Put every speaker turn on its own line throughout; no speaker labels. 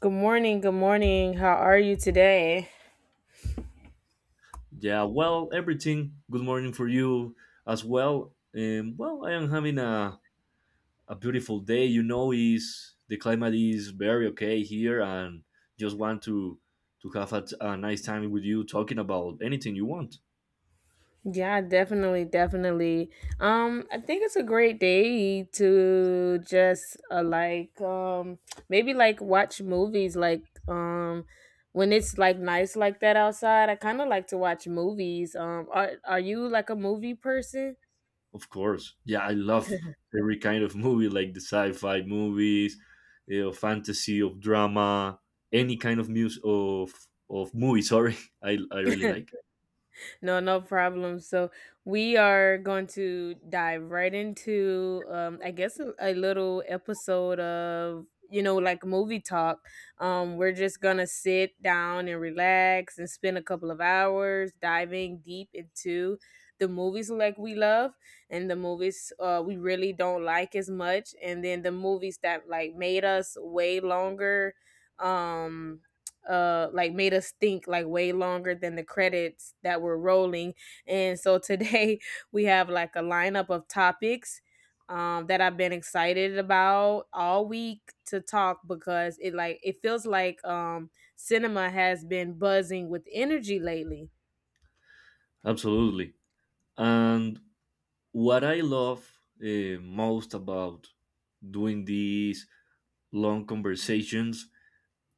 Good morning, good morning. How are you today?
Yeah, well, everything. Good morning for you as well. Well, I am having a beautiful day. You know, is the climate is very okay here, and just want to have a, a nice time with you, talking about anything you want.
Yeah, definitely, definitely. I think it's a great day to just maybe like watch movies like when it's like nice like that outside. I kind of like to watch movies. Are you like a movie person?
Of course. Yeah, I love every kind of movie, like the sci-fi movies, of fantasy, of drama, any kind of music of movie. Sorry, I really like it.
No, no problem. So we are going to dive right into, I guess, a little episode of like movie talk. We're just gonna sit down and relax and spend a couple of hours diving deep into the movies like we love, and the movies we really don't like as much, and then the movies that like made us way longer. Um, like made us think like way longer than the credits that were rolling, and so today we have like a lineup of topics that I've been excited about all week to talk because it like it feels like cinema has been buzzing with energy lately.
Absolutely. And what I love most about doing these long conversations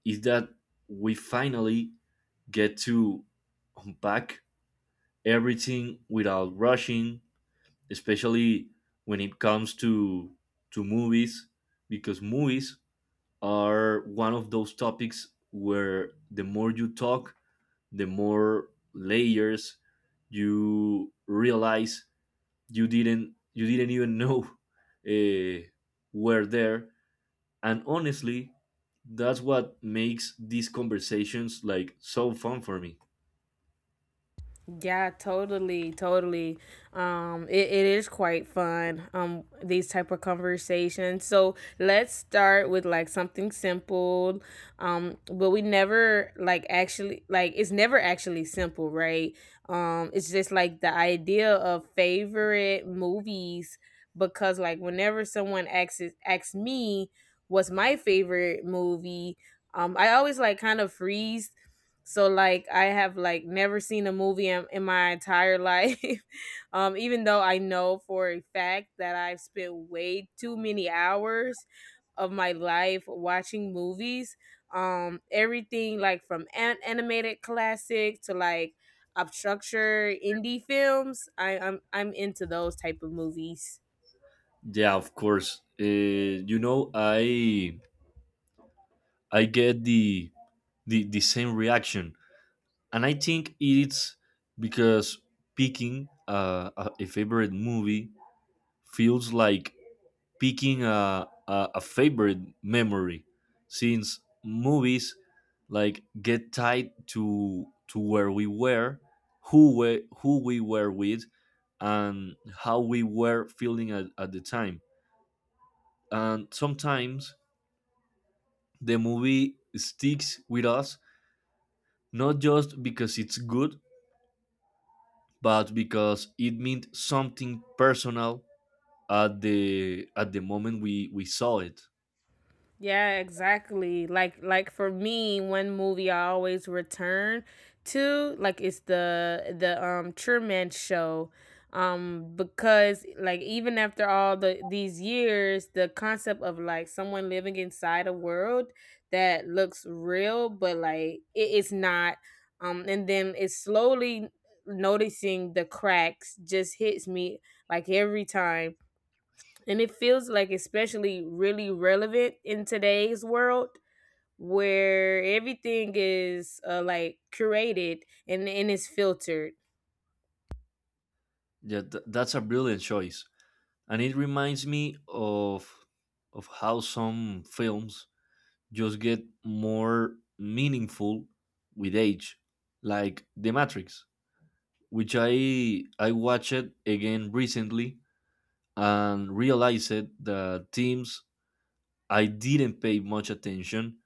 is that we finally get to unpack everything without rushing, especially when it comes to movies, because movies are one of those topics where the more you talk, the more layers you realize you didn't even know uh, were there. And honestly, that's what makes these conversations like so fun for me.
Yeah, totally, totally. It is quite fun. These type of conversations. So let's start with like something simple. But we never like it's never actually simple, right? It's just like the idea of favorite movies because like whenever someone asks me what's my favorite movie, I always like kind of freeze, so like I have like never seen a movie in my entire life. Even though I know for a fact that I've spent way too many hours of my life watching movies. Um, everything like from animated classic to like obstructure indie films. I'm into those type of movies.
Yeah, of course. You know, I get the same reaction, and I think it's because picking a favorite movie feels like picking a favorite memory, since movies like get tied to where we were, who we were with, and how we were feeling at the time. And sometimes the movie sticks with us not just because it's good, but because it meant something personal at the moment we saw it.
Yeah, exactly. Like for me, one movie I always return to like it's the Truman Show, because like even after all the these years, the concept of like someone living inside a world that looks real but like it is not, and then it's slowly noticing the cracks just hits me like every time, and it feels like especially really relevant in today's world where everything is like curated and it's filtered.
Yeah, that's a brilliant choice, and it reminds me of how some films just get more meaningful with age, like The Matrix, which I watched it again recently and realized that themes I didn't pay much attention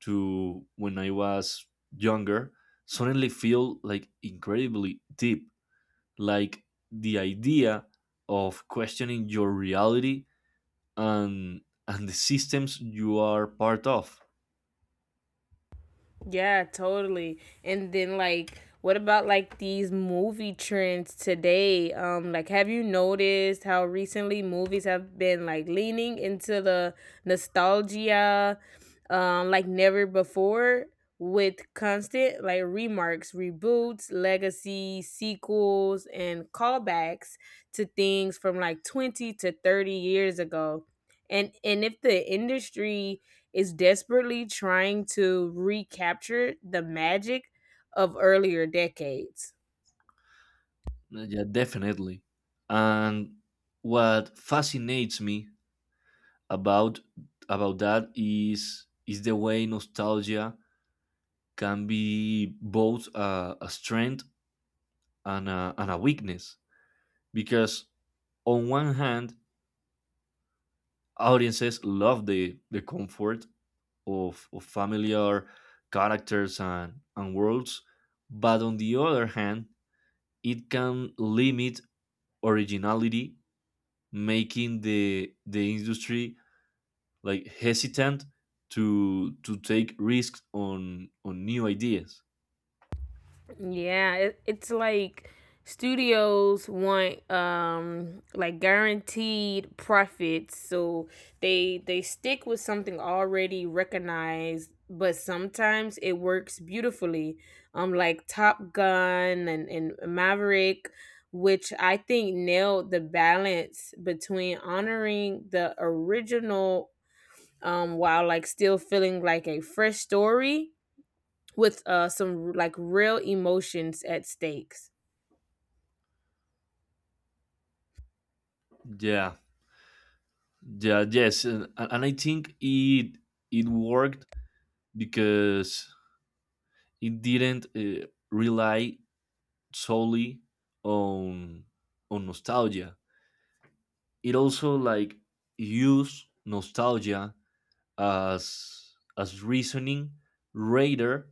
to when I was younger suddenly feel like incredibly deep. Like the idea of questioning your reality and and the systems you are part of.
Yeah, totally. And then like what about like these movie trends today? Um, like have you noticed how recently movies have been like leaning into the nostalgia like never before, with constant like remarks, reboots, legacy, sequels and callbacks to things from like 20 to 30 years ago. And if the industry is desperately trying to recapture the magic of earlier decades.
Yeah, definitely. And what fascinates me about about that is the way nostalgia can be both a strength and a weakness, because on one hand, audiences love the comfort of familiar characters and worlds, but on the other hand, it can limit originality, making the industry like hesitant to take risks on new ideas.
Yeah, it's like studios want like guaranteed profits, so they stick with something already recognized, but sometimes it works beautifully. Um, like Top Gun and Maverick, which I think nailed the balance between honoring the original while like still feeling like a fresh story with some like real emotions at stakes.
Yeah, yeah, yes, and I think it worked because it didn't rely solely on on nostalgia. It also like use nostalgia as reasoning rather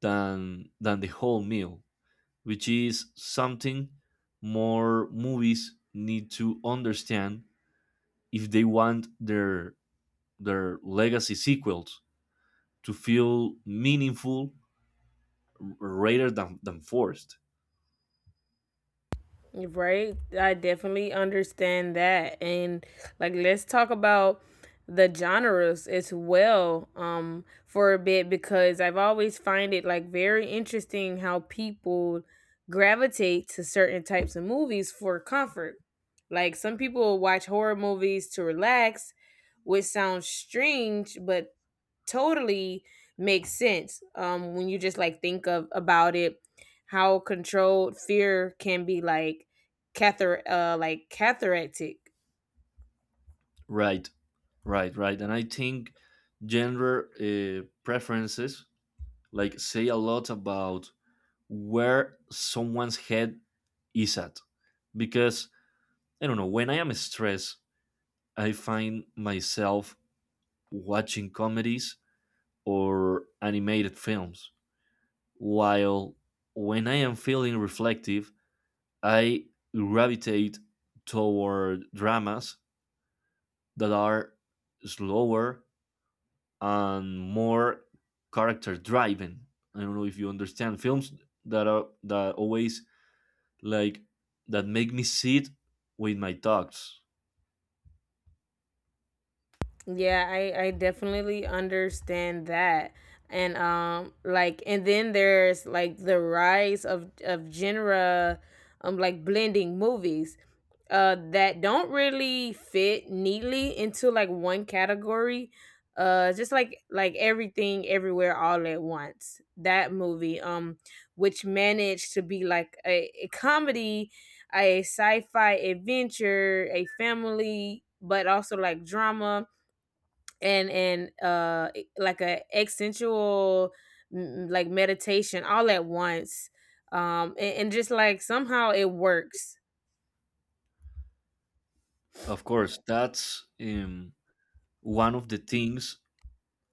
than the whole meal, which is something more movies need to understand if they want their legacy sequels to feel meaningful, rather than forced.
Right? I definitely understand that. And like, let's talk about the genres as well for a bit, because I've always find it like very interesting how people gravitate to certain types of movies for comfort. Like some people watch horror movies to relax, which sounds strange, but totally makes sense when you just like think of about it how controlled fear can be like cather like cathartic.
Right, right, right. And I think gender preferences like say a lot about where someone's head is at, because I don't know, when I am stressed I find myself watching comedies or animated films, while when I am feeling reflective I gravitate toward dramas that are slower and more character driven. I don't know if you understand films that are that always like that make me sit with my thoughts.
Yeah, I definitely understand that. And like and then there's like the rise of genre like blending movies that don't really fit neatly into like one category. Just like everything everywhere all at once. That movie which managed to be like a comedy, a sci-fi adventure, a family but also like drama and like a existential like meditation all at once and just like somehow it works.
Of course, that's one of the things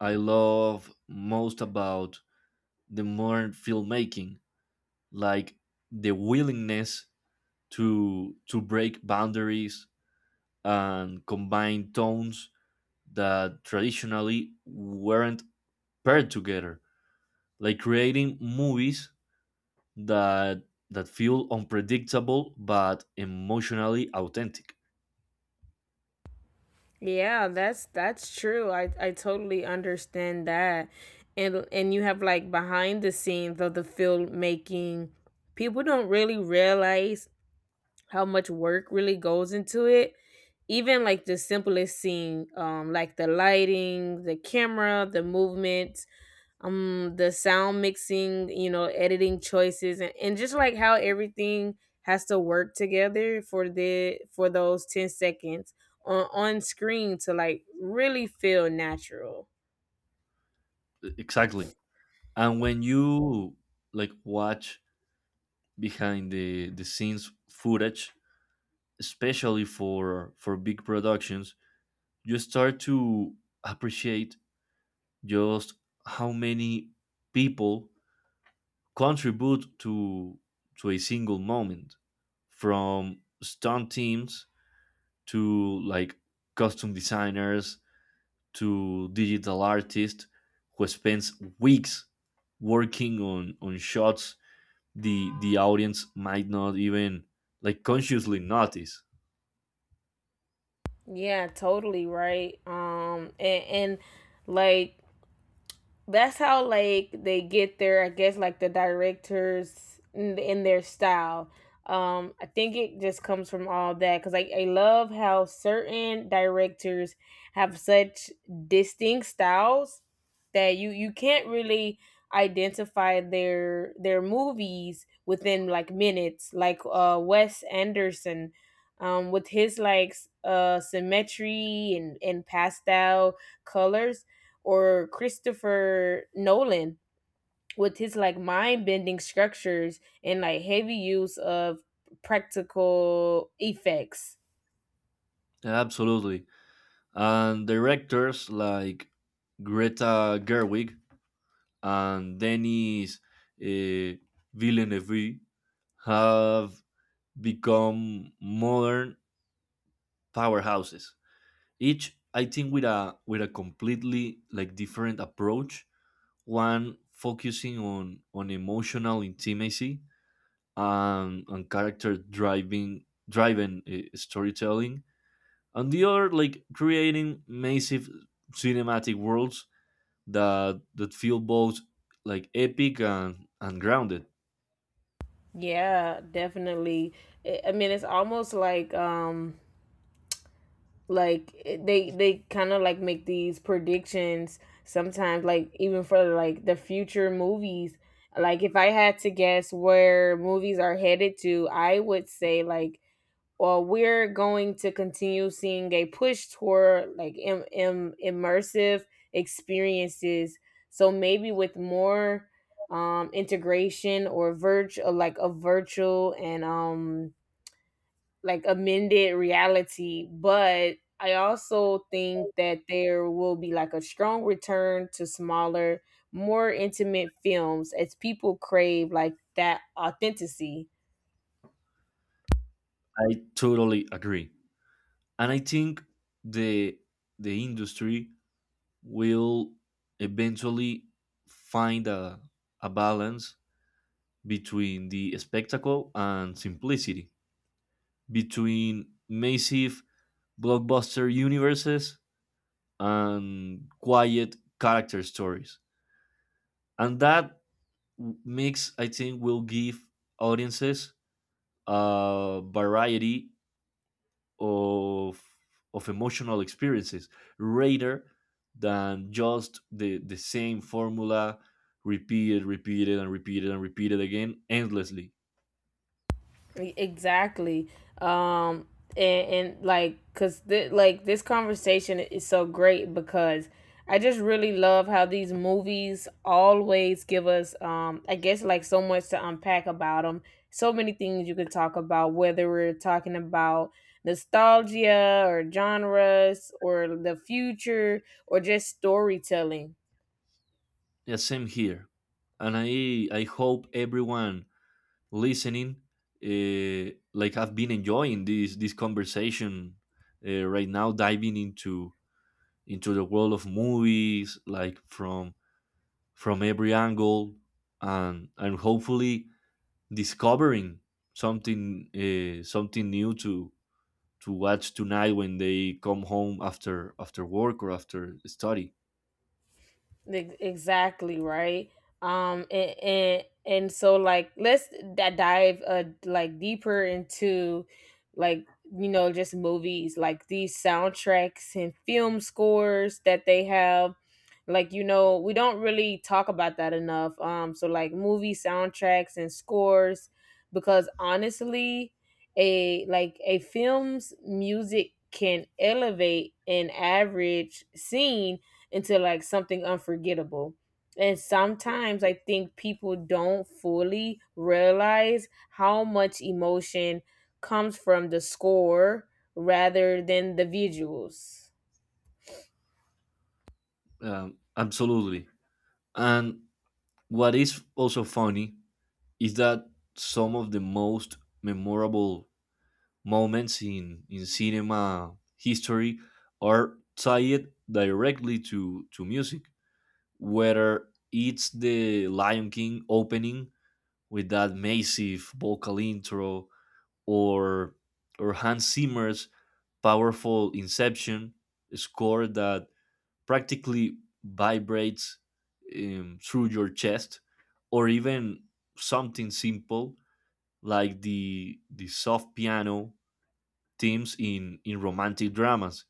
I love most about the modern filmmaking, like the willingness to break boundaries and combine tones that traditionally weren't paired together, like creating movies that that feel unpredictable but emotionally authentic.
Yeah, that's true, I totally understand that. And you have like behind the scenes of the filmmaking, people don't really realize how much work really goes into it, even like the simplest scene like the lighting, the camera, the movement, the sound mixing, you know, editing choices, and just like how everything has to work together for the for those 10 seconds on screen to like really feel natural.
E- exactly. And when you like watch behind the scenes footage, especially for big productions, you start to appreciate just how many people contribute to a single moment, from stunt teams to like costume designers to digital artists who spends weeks working on shots the audience might not even like consciously notice.
Yeah, totally right. Um, and like that's how like they get their, I guess like the directors in their style um, I think it just comes from all that because I love how certain directors have such distinct styles that you can't really identify their movies within like minutes, like Wes Anderson with his like symmetry and pastel colors, or Christopher Nolan with his like mind bending structures and like heavy use of practical effects.
Absolutely. And directors like Greta Gerwig and Denis uh, Villeneuve have become modern powerhouses, each I think with a completely like different approach, one focusing on emotional intimacy and character driving driven storytelling, and the other like creating massive cinematic worlds that that feel both like epic and grounded.
Yeah, definitely. I mean, it's almost like they kind of like make these predictions sometimes like even for like the future movies. Like if I had to guess where movies are headed to, I would say like well, we're going to continue seeing a push toward like immersive experiences. So maybe with more integration or virtual, like a virtual and like amended reality. But I also think that there will be like a strong return to smaller, more intimate films as people crave like that authenticity.
I totally agree, and I think the the industry will eventually find a balance between the spectacle and simplicity, between massive blockbuster universes and quiet character stories. And that mix, I think, will give audiences a variety of, of emotional experiences rather than just the same formula repeated, repeated, and repeated, and repeated again endlessly.
E- exactly. Um, and like, cause like this conversation is so great because I just really love how these movies always give us, I guess, like so much to unpack about them. So many things you could talk about, whether we're talking about nostalgia or genres or the future or just storytelling.
Yeah, same here. And I hope everyone listening. Like I've been enjoying this conversation right now, diving into the world of movies, like from every angle, and hopefully discovering something new to watch tonight when they come home after work or after study.
Ex- exactly right, and and so like let's dive like deeper into like you know just movies like these soundtracks and film scores that they have, like you know we don't really talk about that enough um, so like movie soundtracks and scores because honestly a like a film's music can elevate an average scene into like something unforgettable. And sometimes I think people don't fully realize how much emotion comes from the score rather than the visuals.
Absolutely. And what is also funny is that some of the most memorable moments in cinema history are tied directly to music, whether it's the Lion King opening with that massive vocal intro or or Hans Zimmer's powerful Inception score that practically vibrates through your chest, or even something simple like the soft piano themes in romantic dramas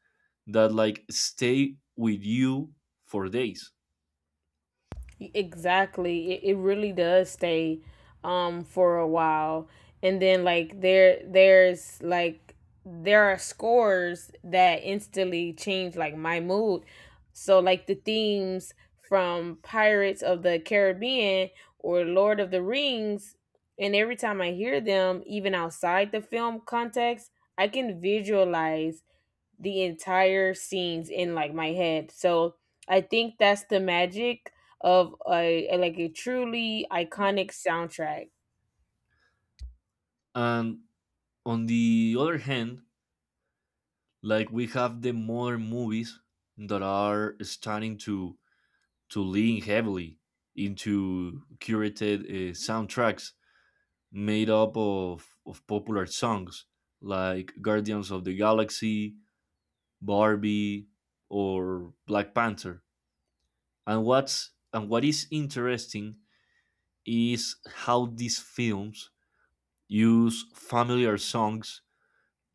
that like stay with you for days.
Exactly. It really does stay for a while. And then like there there's like there are scores that instantly change like my mood. So like the themes from Pirates of the Caribbean or Lord of the Rings, and every time I hear them even outside the film context, I can visualize the entire scenes in like my head. So I think that's the magic of a truly iconic soundtrack.
And on the other hand, like we have the modern movies that are starting to lean heavily into curated soundtracks made up of popular songs, like Guardians of the Galaxy, Barbie or Black Panther. And what is interesting is how these films use familiar songs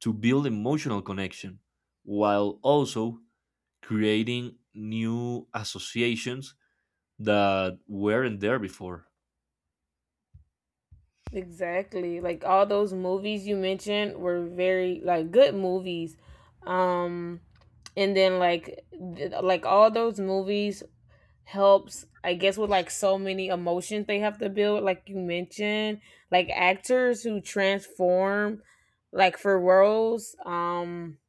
to build emotional connection while also creating new associations that weren't there before.
Exactly. Like all those movies you mentioned were very like good movies. Um, and then like like all those movies helps I guess with like so many emotions they have to build like you mentioned, like actors who transform like for roles. Um,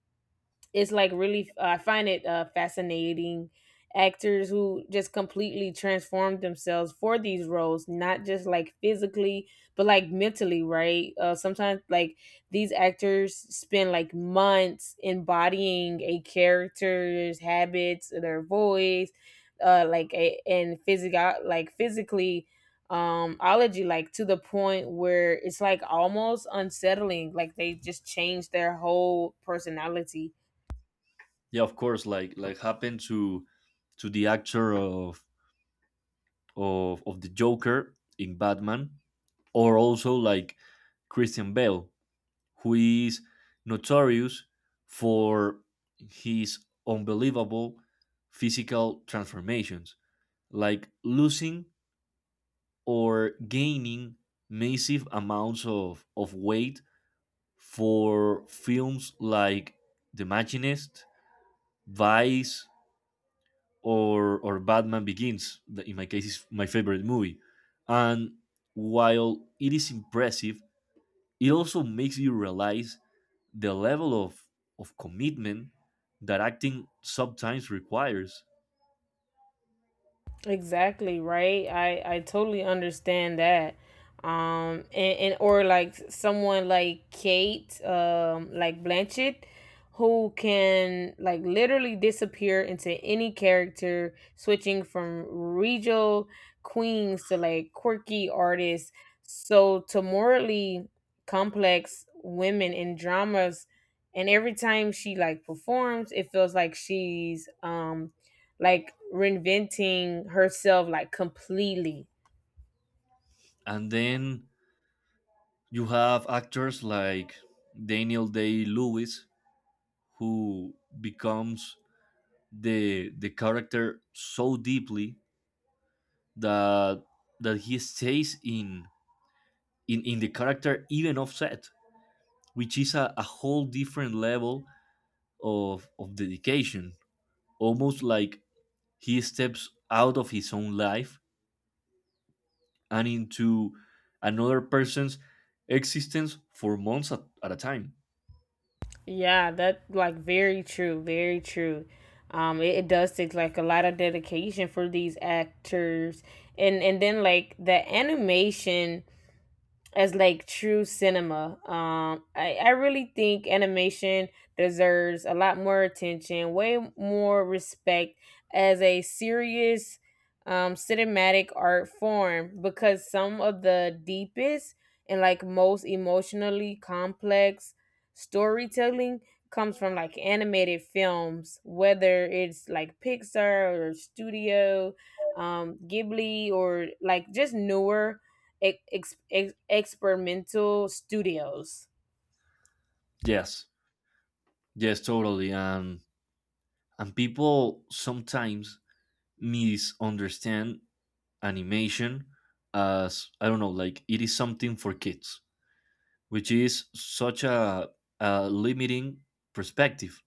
it's like really I find it fascinating, actors who just completely transformed themselves for these roles not just like physically but like mentally, right? Uh, sometimes like these actors spend like months embodying a character's habits, their voice, and physical like physically ology, like to the point where it's like almost unsettling like they just change their whole personality.
Yeah, of course, like happened to the actor of the Joker in Batman, or also like Christian Bale, who is notorious for his unbelievable physical transformations, like losing or gaining massive amounts of weight for films like The Machinist, Vice, or Batman Begins. That in my case, is my favorite movie. And while it is impressive, it also makes you realize the level of commitment that acting sometimes requires.
Exactly, right? I totally understand that. Um, and or like someone like Kate, like Blanchett, who can like literally disappear into any character, switching from regal queens to like quirky artists so to morally complex women in dramas, and every time she like performs it feels like she's like reinventing herself like completely.
And then you have actors like Daniel Day Lewis, who becomes the character so deeply that that he stays in the character even offset, which is a whole different level of dedication, almost like he steps out of his own life and into another person's existence for months at a time.
Yeah, that like very true, very true. It does take like a lot of dedication for these actors, and then like the animation as like true cinema. I really think animation deserves a lot more attention, way more respect as a serious cinematic art form because some of the deepest and like most emotionally complex storytelling comes from like animated films, whether it's like Pixar or Studio Ghibli or like just newer experimental studios.
Yes, yes, totally. And people sometimes misunderstand animation as, I don't know, like it is something for kids, which is such a limiting perspective,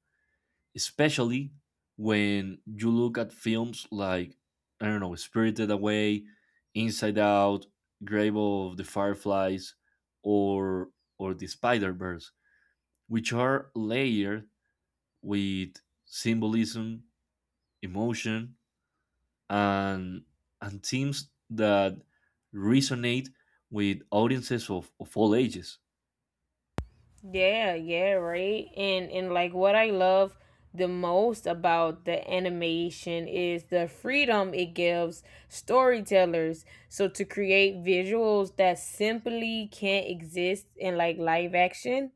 especially when you look at films like, I don't know, Spirited Away, Inside Out, Grave of the Fireflies, or or the Spider Verse, which are layered with symbolism, emotion, and and themes that resonate with audiences of all ages.
Yeah, yeah, right. And like what I love the most about the animation is the freedom it gives storytellers so to create visuals that simply can't exist in like live action.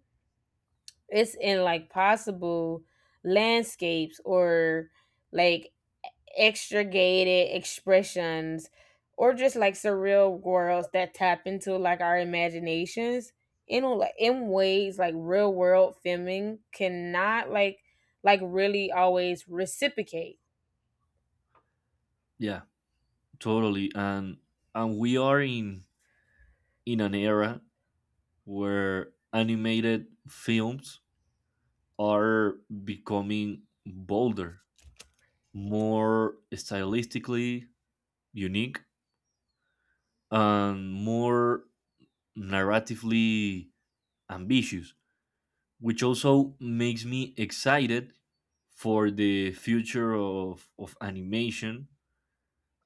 It's in like possible landscapes or like extricated expressions or just like surreal worlds that tap into like our imaginations in like in ways like real world filming cannot like really always reciprocate.
Yeah, totally. And we are in an era where animated films are becoming bolder, more stylistically unique, and more narratively ambitious, which also makes me excited for the future of animation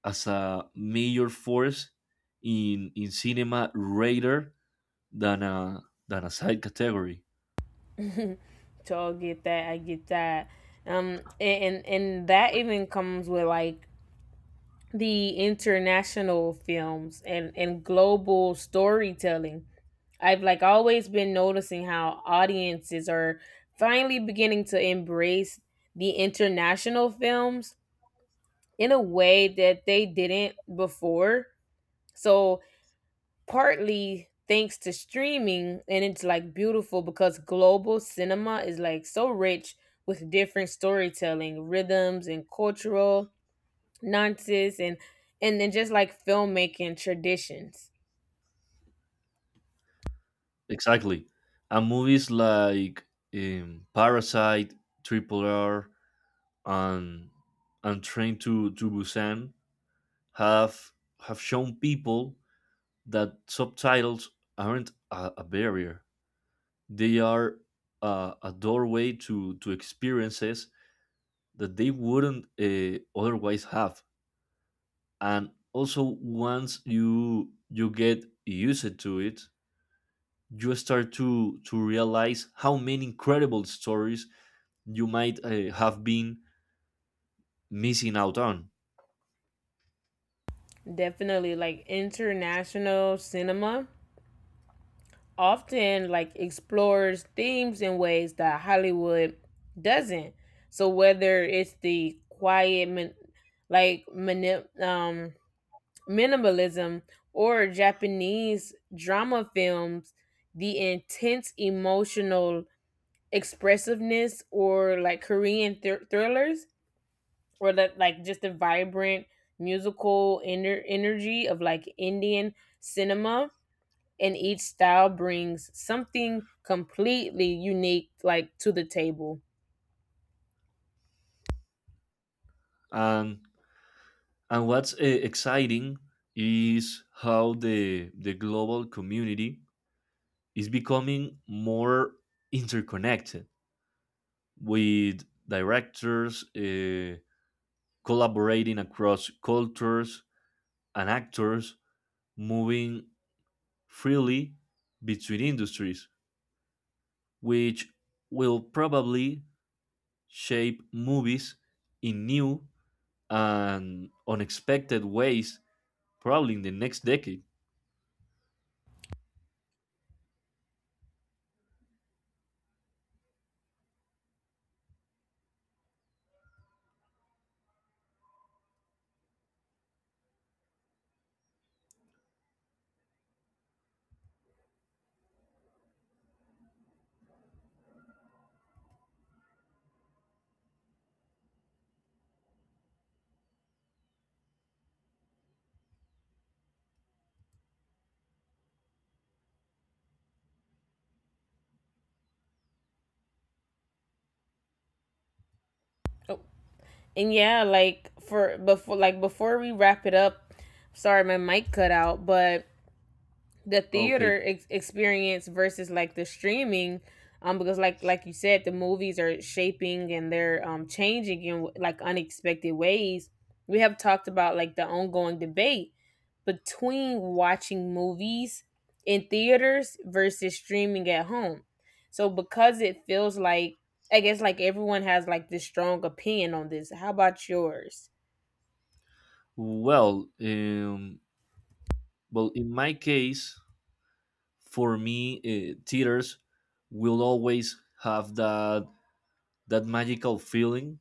as a major force in cinema rather than a side category.
So I get that, I get that. And that even comes with like the international films and global storytelling. I've like always been noticing how audiences are finally beginning to embrace the international films in a way that they didn't before. So, partly thanks to streaming, and it's like beautiful because global cinema is like so rich with different storytelling, rhythms, and cultural nuances, and then just like filmmaking traditions.
Exactly. And movies like Parasite, Triple R, and and Train to Busan have have shown people that subtitles aren't a barrier. They are a doorway to experiences that they wouldn't otherwise have. And also, once you you get used to it, you start to realize how many incredible stories you might have been missing out on.
Definitely, like, international cinema often like explores themes in ways that Hollywood doesn't. So whether it's the quiet like mini- um minimalism or Japanese drama films, the intense emotional expressiveness, or like Korean thrillers, or that like just the vibrant musical inner energy of like Indian cinema, and each style brings something completely unique, like, to the table
And and what's exciting is how the global community is becoming more interconnected, with directors collaborating across cultures and actors moving freely between industries, which will probably shape movies in new and unexpected ways, probably in the next decade.
oh. And yeah, like for before we wrap it up, sorry my mic cut out, but the
Okay.
theater experience versus like the streaming, because like you said, the movies are shaping and they're changing in like unexpected ways. We have talked about like the ongoing debate between watching movies in theaters versus streaming at home. So because it feels like, I guess like, everyone has like this strong opinion on this, how about yours?
Well, well, in my case, for me, theaters will always have that that magical feeling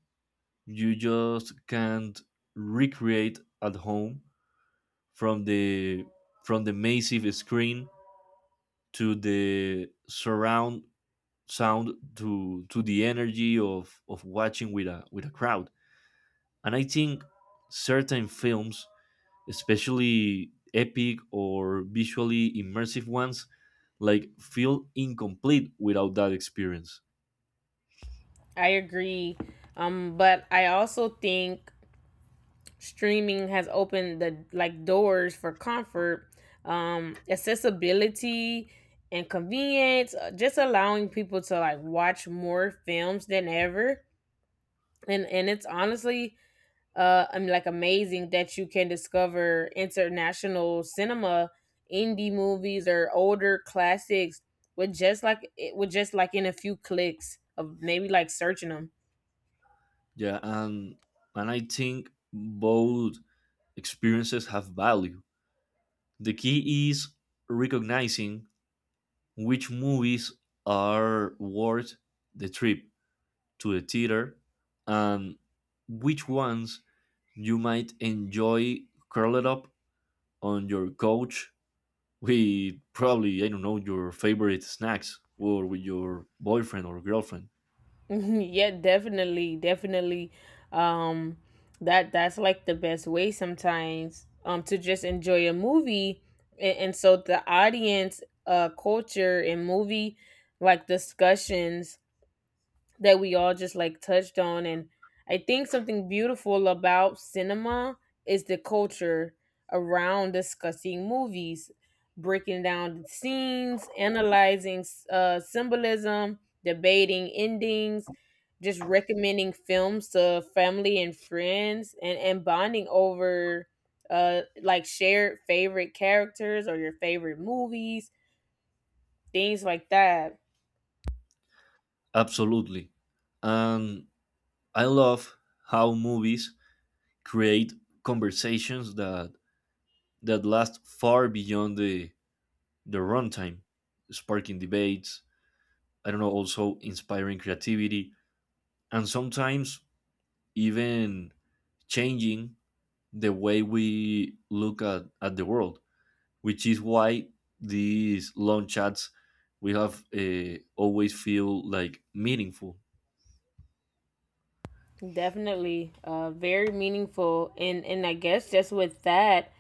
you just can't recreate at home, from the massive screen to the surround sound to the energy of watching with a crowd. And I think certain films, especially epic or visually immersive ones, like feel incomplete without that experience.
I agree. But I also think streaming has opened the like doors for comfort, accessibility, and convenience, just allowing people to like watch more films than ever. And it's honestly, I'm like amazing that you can discover international cinema, indie movies, or older classics with just like in a few clicks of maybe like searching them.
Yeah, and I think both experiences have value. The key is recognizing which movies are worth the trip to the theater and which ones you might enjoy curled up on your couch with, probably, I don't know, your favorite snacks or with your boyfriend or girlfriend.
Mhm, yeah, definitely, definitely. um that's like the best way sometimes, to just enjoy a movie. And so the audience culture and movie like discussions that we all just like touched on, and I think something beautiful about cinema is the culture around discussing movies, breaking down the scenes, analyzing symbolism, debating endings, just recommending films to family and friends, and bonding over like shared favorite characters or your favorite movies, things like that.
Absolutely. And I love how movies create conversations that that last far beyond the runtime, sparking debates, I don't know, also inspiring creativity, and sometimes even changing the way we look at the world, which is why these long chats we have always feel like meaningful.
Definitely, very meaningful, and I guess just with that,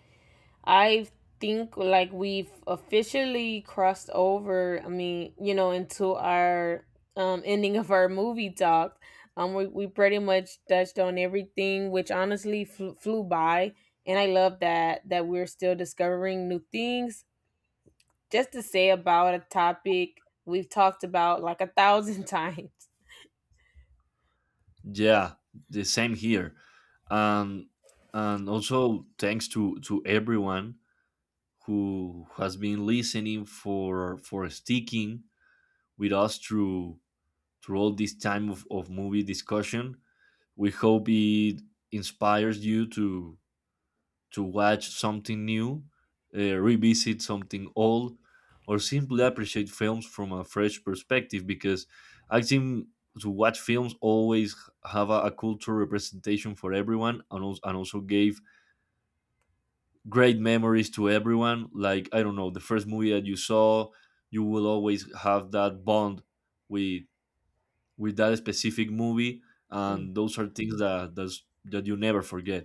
I think like we've officially crossed over. I mean, you know, into our ending of our movie talk. We pretty much touched on everything, which honestly flew by, and I love that we're still discovering new things. Just to say about a topic we've talked about like a thousand times.
Yeah, the same here, and and also thanks to everyone who has been listening for sticking with us through all this time of movie discussion. We hope it inspires you to watch something new, revisit something old, or simply appreciate films from a fresh perspective. Because I think to watch films always have a cultural representation for everyone, and also gave great memories to everyone. Like, I don't know, the first movie that you saw, you will always have that bond with with that specific movie,
Mhm.
and those are things that that's, that you never forget.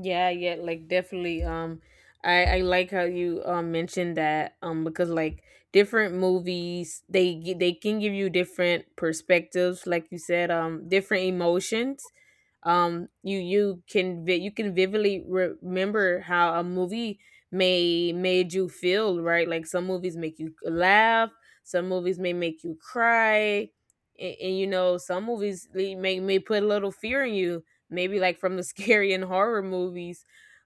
Yeah, yeah, like definitely. I like how you mentioned that. Because like different movies, they they can give you different perspectives, like you said. Different emotions. You can vividly remember how a movie may made you feel, right? Like some movies make you laugh, some movies may make you cry, and you know, some movies they may put a little fear in you, maybe like from the scary and horror movies.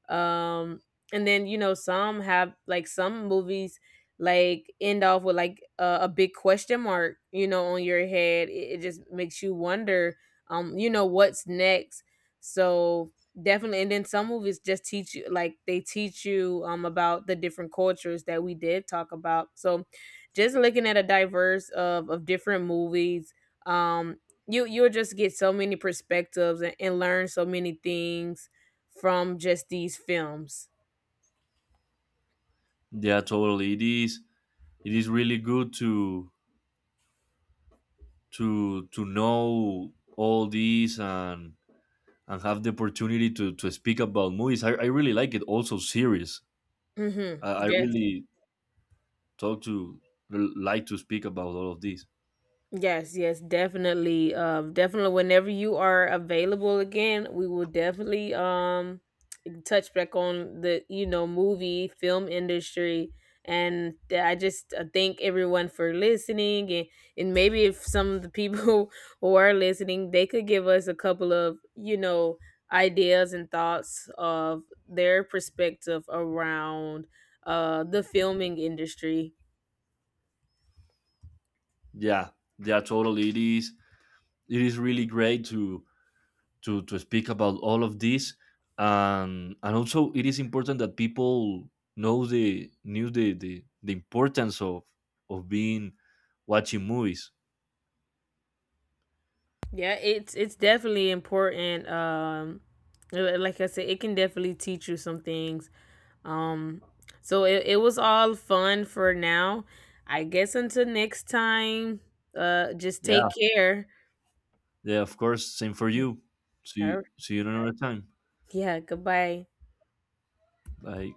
Um, and then you know, some movies like end off with like a big question mark, you know, on your head, it just makes you wonder, you know, what's next. So definitely. And then some movies just teach you about the different cultures that we did talk about. So just looking at a diverse of different movies, um, you you'll just get so many perspectives, and learn so many things from just these films.
Yeah, totally. It is it is really good to know all these, and have the opportunity to speak about movies. I really like it. Also series.
Mm-hmm.
I
Yes.
really talk to like to speak about all of these.
Yes, yes, definitely. Definitely, whenever you are available again, we will definitely touch back on the, you know, movie film industry. And I just, thank everyone for listening, and maybe if some of the people who are listening, they could give us a couple of, you know, ideas and thoughts of their perspective around the filming industry.
Yeah, yeah, totally. It is really great to speak about all of this, and also it is important that people know the knew the importance of being watching movies.
Yeah, it's definitely important. Like I said, it can definitely teach you some things. Um, so it was all fun for now. I guess until next time, just
Yeah.
take care.
Yeah, of course. Same for you.
All
See,
right.
see you another time.
Yeah, goodbye.
Bye.